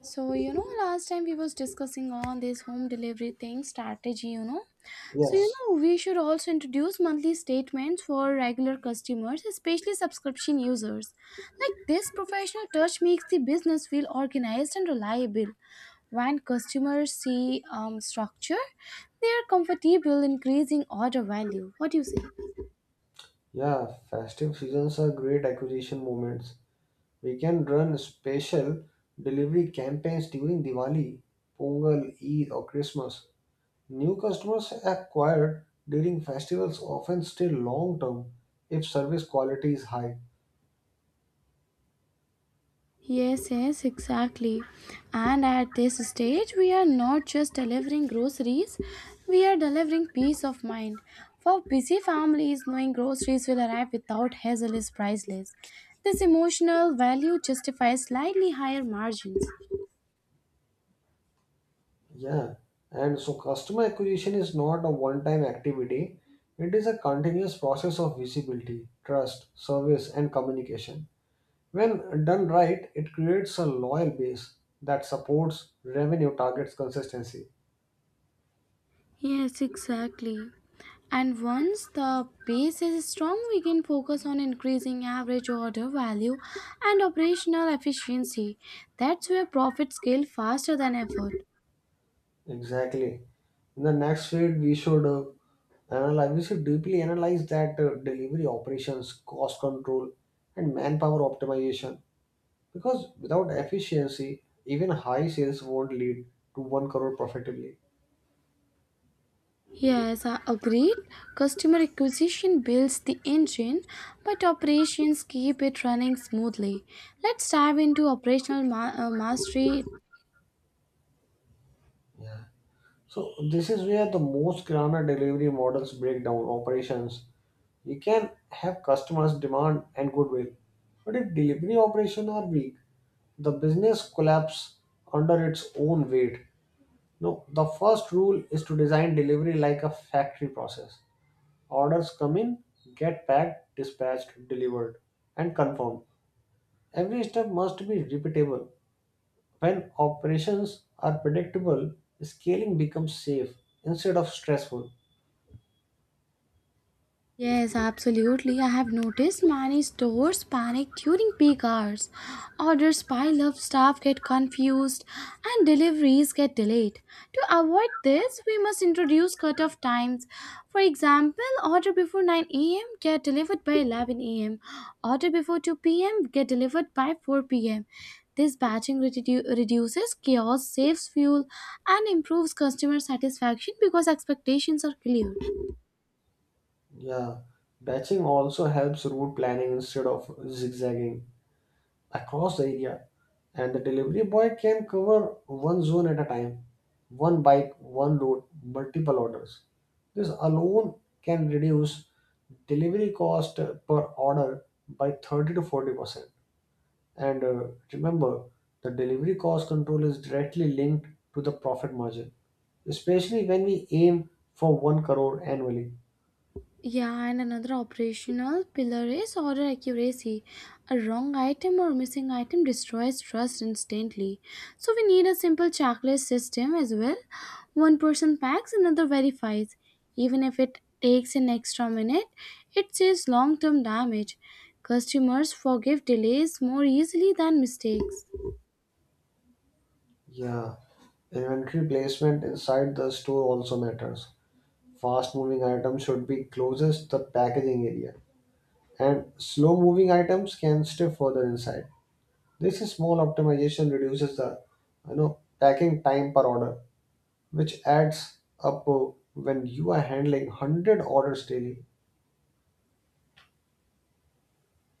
So, you know, last time we was discussing on this home delivery thing, strategy, you know. So, you Yes, know, we should also introduce monthly statements for regular customers, especially subscription users. Like this professional touch makes the business feel organized and reliable. When customers see structure, they are comfortable increasing order value. What do you say? yeah, festive seasons are great acquisition moments. We can run special delivery campaigns during Diwali, Pongal, Eid, or Christmas. New customers acquired during festivals often stay long term if service quality is high. Yes, yes, exactly. And at this stage, we are not just delivering groceries, we are delivering peace of mind. For busy families, knowing groceries will arrive without hassle is priceless. This emotional value justifies slightly higher margins. Yeah, and so customer acquisition is not a one time activity, it is a continuous process of visibility, trust, service, and communication. When done right, it creates a loyal base that supports revenue targets consistency. Yes, exactly. And once the base is strong, we can focus on increasing average order value and operational efficiency. That's where profits scale faster than effort. Exactly. In the next feed, we should deeply analyze that delivery operations, cost control, and manpower optimization. Because without efficiency, even high sales won't lead to one crore profitably. Yes, I agreed. Customer acquisition builds the engine, but operations keep it running smoothly. Let's dive into operational mastery. Yeah. So this is where the most Kirana delivery models break down operations. You can have customers' demand and goodwill, but if delivery operations are weak, the business collapses under its own weight. No, the first rule is to design delivery like a factory process. Orders come in, get packed, dispatched, delivered, and confirmed. Every step must be repeatable. When operations are predictable, scaling becomes safe instead of stressful. Yes, absolutely. I have noticed many stores panic during peak hours. Orders pile up, staff get confused, and deliveries get delayed. To avoid this, we must introduce cut-off times. For example, order before 9 a.m. get delivered by 11 a.m. Order before 2 p.m. get delivered by 4 p.m. This batching reduces chaos, saves fuel, and improves customer satisfaction because expectations are clear. Yeah, batching also helps route planning instead of zigzagging across the area, and the delivery boy can cover one zone at a time, one bike, one load, multiple orders. This alone can reduce delivery cost per order by 30 to 40 percent. And Remember, the delivery cost control is directly linked to the profit margin, especially when we aim for 1 crore annually. Yeah, and another operational pillar is order accuracy. A wrong item or missing item destroys trust instantly. So we need a simple checklist system as well. One person packs, another verifies. Even if it takes an extra minute, it saves long-term damage. Customers forgive delays more easily than mistakes. Yeah, inventory placement inside the store also matters. Fast moving items should be closest to the packaging area, and slow moving items can stay further inside. This is small optimization reduces the packing time per order, which adds up when you are handling 100 orders daily.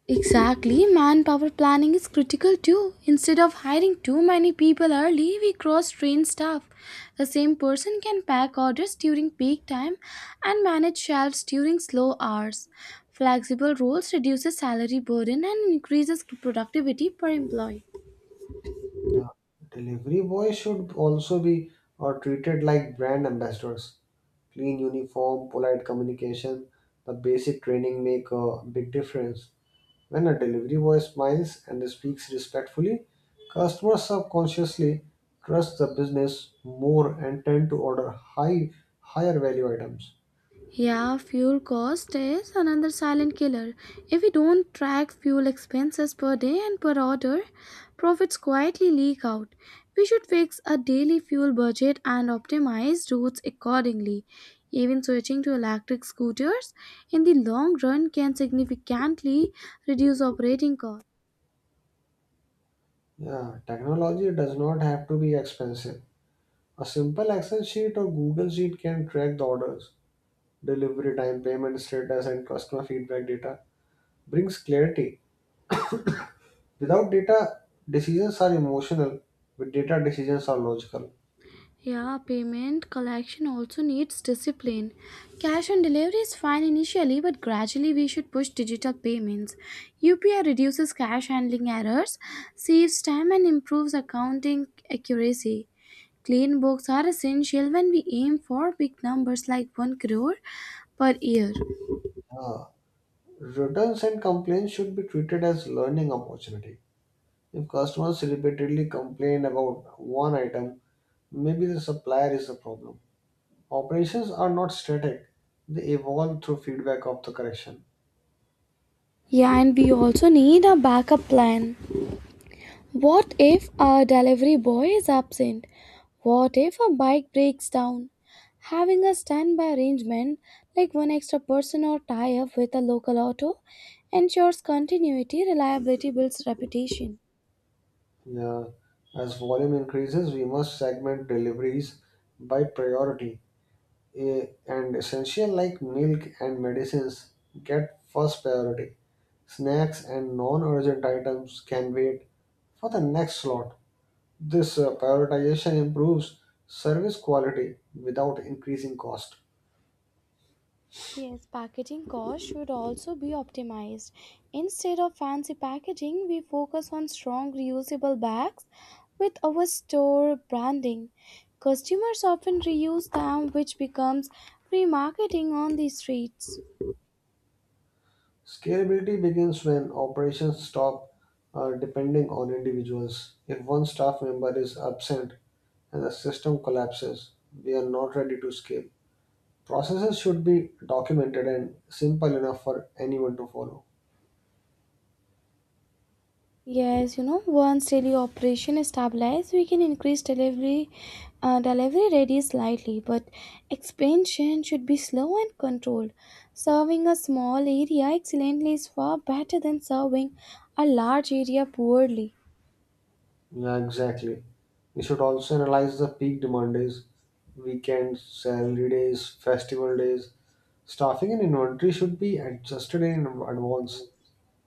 Exactly, manpower planning is critical too. Instead of hiring too many people early, we cross train staff. The same person can pack orders during peak time and manage shelves during slow hours. Flexible roles reduces salary burden and increases productivity per employee. Yeah. Delivery boys should also be treated like brand ambassadors. Clean uniform, polite communication, the basic training make a big difference. When a delivery boy smiles and speaks respectfully, customers subconsciously trust the business more and tend to order higher value items. Yeah, fuel cost is another silent killer. If we don't track fuel expenses per day and per order, profits quietly leak out. We should fix a daily fuel budget and optimize routes accordingly. Even switching to electric scooters in the long run can significantly reduce operating costs. Yeah, technology does not have to be expensive. A simple Excel sheet or Google Sheet can track the orders, delivery time, payment status, and customer feedback data. Brings clarity. Without data, decisions are emotional. With data, decisions are logical. Yeah, payment collection also needs discipline. Cash on delivery is fine initially, but gradually we should push digital payments. UPI reduces cash handling errors, saves time, and improves accounting accuracy. Clean books are essential when we aim for big numbers like 1 crore per year. Uh, Returns and complaints should be treated as learning opportunity. If customers repeatedly complain about one item, maybe the supplier is the problem. Operations are not static, they evolve through feedback of the correction. Yeah, and we also need a backup plan. What if our delivery boy is absent? What if a bike breaks down? Having a standby arrangement like one extra person or tie up with a local auto ensures continuity, reliability builds reputation. Yeah. As volume increases, we must segment deliveries by priority. Eh, and essential like milk and medicines get first priority. Snacks and non urgent items can wait for the next slot. This prioritization improves service quality without increasing cost. Yes, packaging costs should also be optimized. Instead of fancy packaging, we focus on strong reusable bags with our store branding. Customers often reuse them, which becomes remarketing on the streets. Scalability begins when operations stop depending on individuals. If one staff member is absent and the system collapses, we are not ready to scale. Processes should be documented and simple enough for anyone to follow. Yes, you know, once daily operation is stabilized, we can increase delivery rate slightly, but expansion should be slow and controlled. Serving a small area excellently is far better than serving a large area poorly. Yeah, exactly. We should also analyze the peak demand days, weekends, salary days, festival days. Staffing and inventory should be adjusted in advance.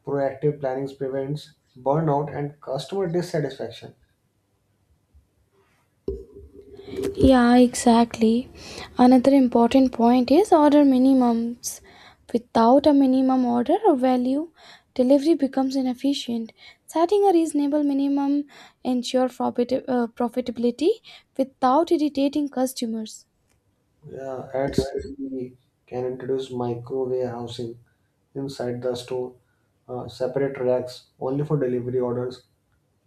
Proactive planning prevents burnout and customer dissatisfaction. Yeah, exactly. Another important point is order minimums. Without a minimum order or value, delivery becomes inefficient. Setting a reasonable minimum ensures profitability without irritating customers. Yeah, ads can be can introduce micro warehousing inside the store, separate racks only for delivery orders.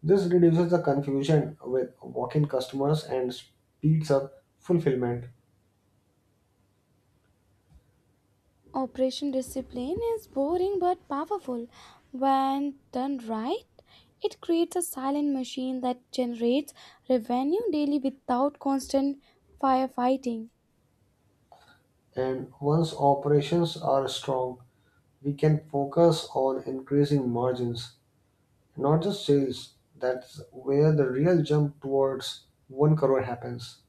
This reduces the confusion with walk-in customers and speeds up fulfillment. Operation discipline is boring but powerful. When done right, it creates a silent machine that generates revenue daily without constant firefighting. And once operations are strong, we can focus on increasing margins, not just sales. That's where the real jump towards one crore happens.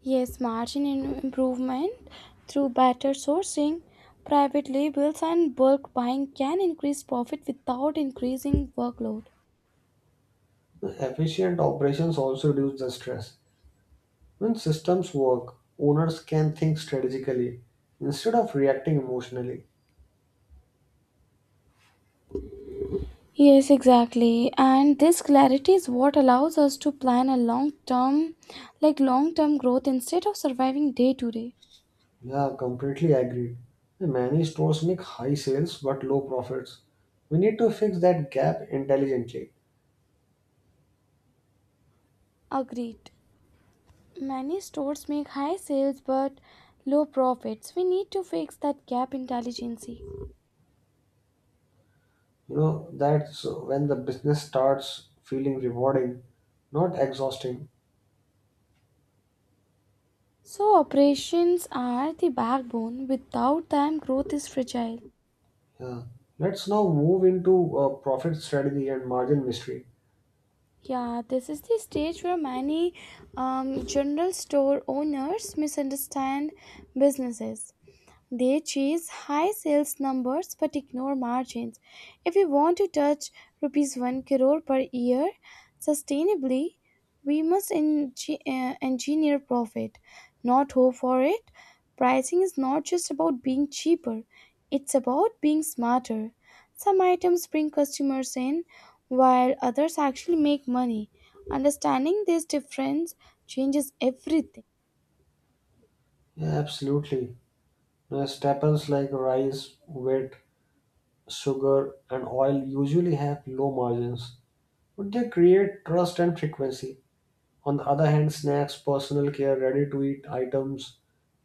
Yes, margin improvement through better sourcing, private labels, and bulk buying can increase profit without increasing workload. Efficient operations also reduce the stress. When systems work, owners can think strategically instead of reacting emotionally. Yes, exactly. And this clarity is what allows us to plan a long term, like long term growth instead of surviving day to day. Yeah, completely agreed. Many stores make high sales but low profits. We need to fix that gap intelligently. Agreed. Many stores make high sales but low profits. We need to fix that gap intelligently. You know, that's when the business starts feeling rewarding, not exhausting. So, operations are the backbone. Without them, growth is fragile. Yeah. Let's now move into profit strategy and margin mystery. Yeah, this is the stage where many general store owners misunderstand businesses. They chase high sales numbers but ignore margins. If we want to touch rupees 1 crore per year sustainably, we must engineer profit, not hope for it. Pricing is not just about being cheaper, it's about being smarter. Some items bring customers in, while others actually make money. Understanding this difference changes everything. Yeah, absolutely. Staples like rice, wheat, sugar, and oil usually have low margins. Would they create trust and frequency. On the other hand, snacks, personal care, ready to eat items,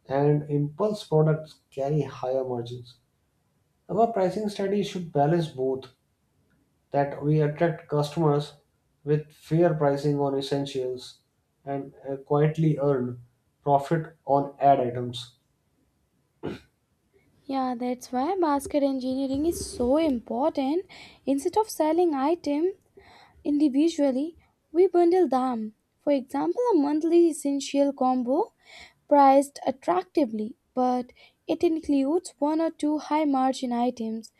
and impulse products carry higher margins. Our pricing strategy should balance both that we attract customers with fair pricing on essentials and quietly earn profit on ad items. Yeah, that's why basket engineering is so important. Instead of selling item individually, we bundle them. For example, a monthly essential combo priced attractively, but it includes one or two high margin items.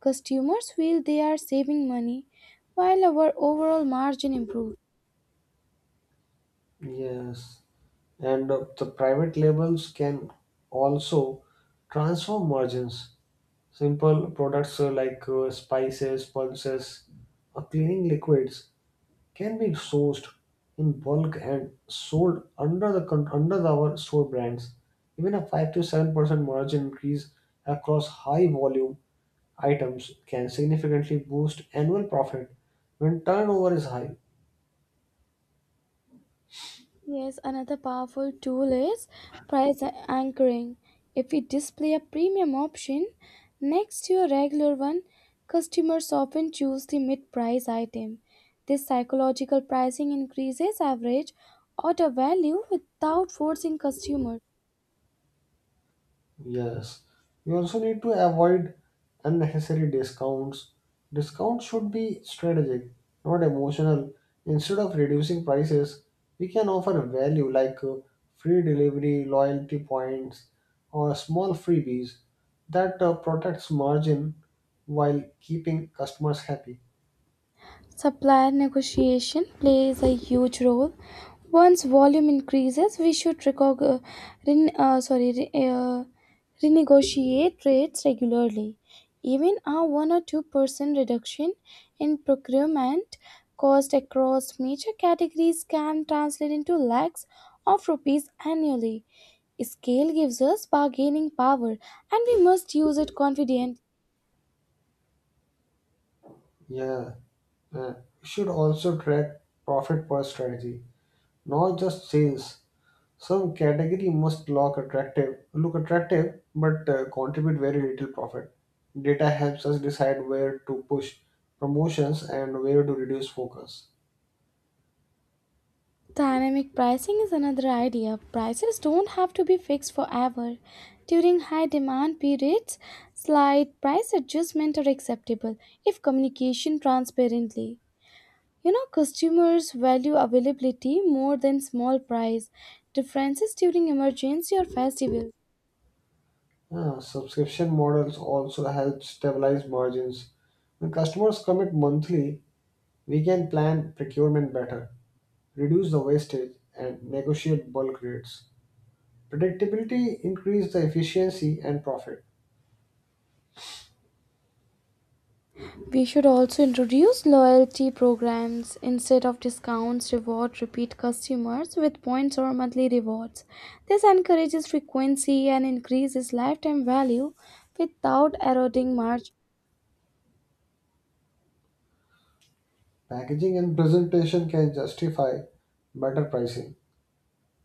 Customers feel they are saving money while our overall margin improves. Yes, and the private labels can also transform margins. Simple products like spices, pulses, or cleaning liquids can be sourced in bulk and sold under under our store brands. Even a 5 to 7% margin increase across high volume items can significantly boost annual profit when turnover is high. Yes, another powerful tool is price anchoring. If we display a premium option next to a regular one, customers often choose the mid price item. This psychological pricing increases average order value without forcing customers. Yes, we also need to avoid unnecessary discounts. Discounts should be strategic, not emotional. Instead of reducing prices, we can offer value like free delivery, loyalty points, or small freebies that protects margin while keeping customers happy. Supplier negotiation plays a huge role. Once volume increases, we should ren- uh, sorry, re- uh, renegotiate rates regularly. Even a 1 or 2% reduction in procurement cost across major categories can translate into lakhs of rupees annually. Scale gives us bargaining power and we must use it confidently. Yeah, uh, we should also track profit per strategy, not just sales. Some category must look attractive, but contribute very little profit. Data helps us decide where to push promotions and where to reduce focus. Dynamic pricing is another idea. Prices don't have to be fixed forever. During high demand periods, slight price adjustments are acceptable if communication transparently. You know, customers value availability more than small price differences during emergency or festival. Subscription models also help stabilize margins. When customers commit monthly, we can plan procurement better, reduce the wastage, and negotiate bulk rates. Predictability increases the efficiency and profit. We should also introduce loyalty programs instead of discounts, reward repeat customers with points or monthly rewards. This encourages frequency and increases lifetime value without eroding margin. Packaging and presentation can justify better pricing.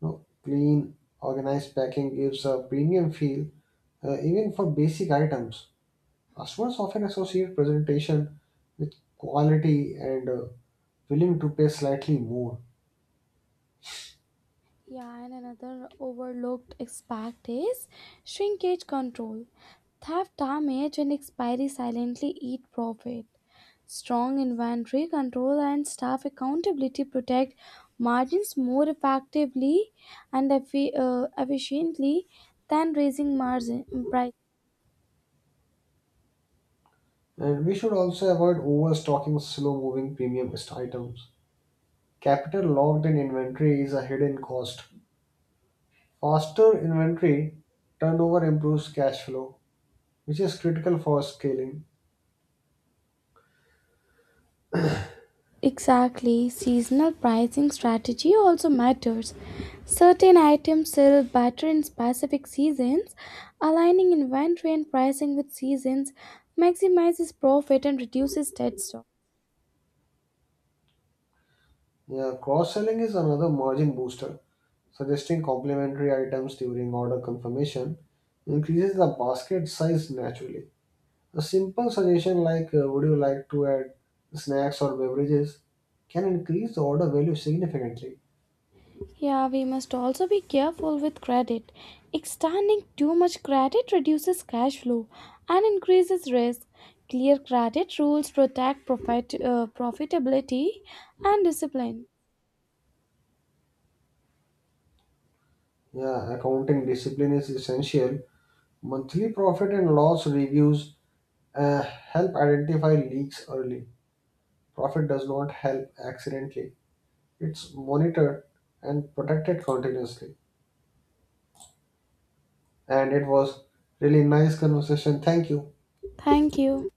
No, clean, organized packing gives a premium feel, even for basic items. Customers often associate presentation with quality and willing to pay slightly more. Yeah, and another overlooked aspect is shrinkage control. Theft, damage, and expiry silently eat profit. Strong inventory control and staff accountability protect margins more effectively and efficiently than raising margin prices. And we should also avoid overstocking slow-moving premium items. Capital locked in inventory is a hidden cost. Faster inventory turnover improves cash flow, which is critical for scaling. Exactly, seasonal pricing strategy also matters. Certain items sell better in specific seasons. Aligning inventory and pricing with seasons maximizes profit and reduces dead stock. Yeah, cross-selling is another margin booster. Suggesting complementary items during order confirmation increases the basket size naturally. A simple suggestion like would you like to add snacks or beverages can increase the order value significantly. Yeah, we must also be careful with credit. Extending too much credit reduces cash flow and increases risk. Clear credit rules protect profit, profitability and discipline. Yeah, accounting discipline is essential. Monthly profit and loss reviews help identify leaks early. Profit does not help accidentally. It's monitored and protected continuously. And it was really nice conversation. Thank you. Thank you.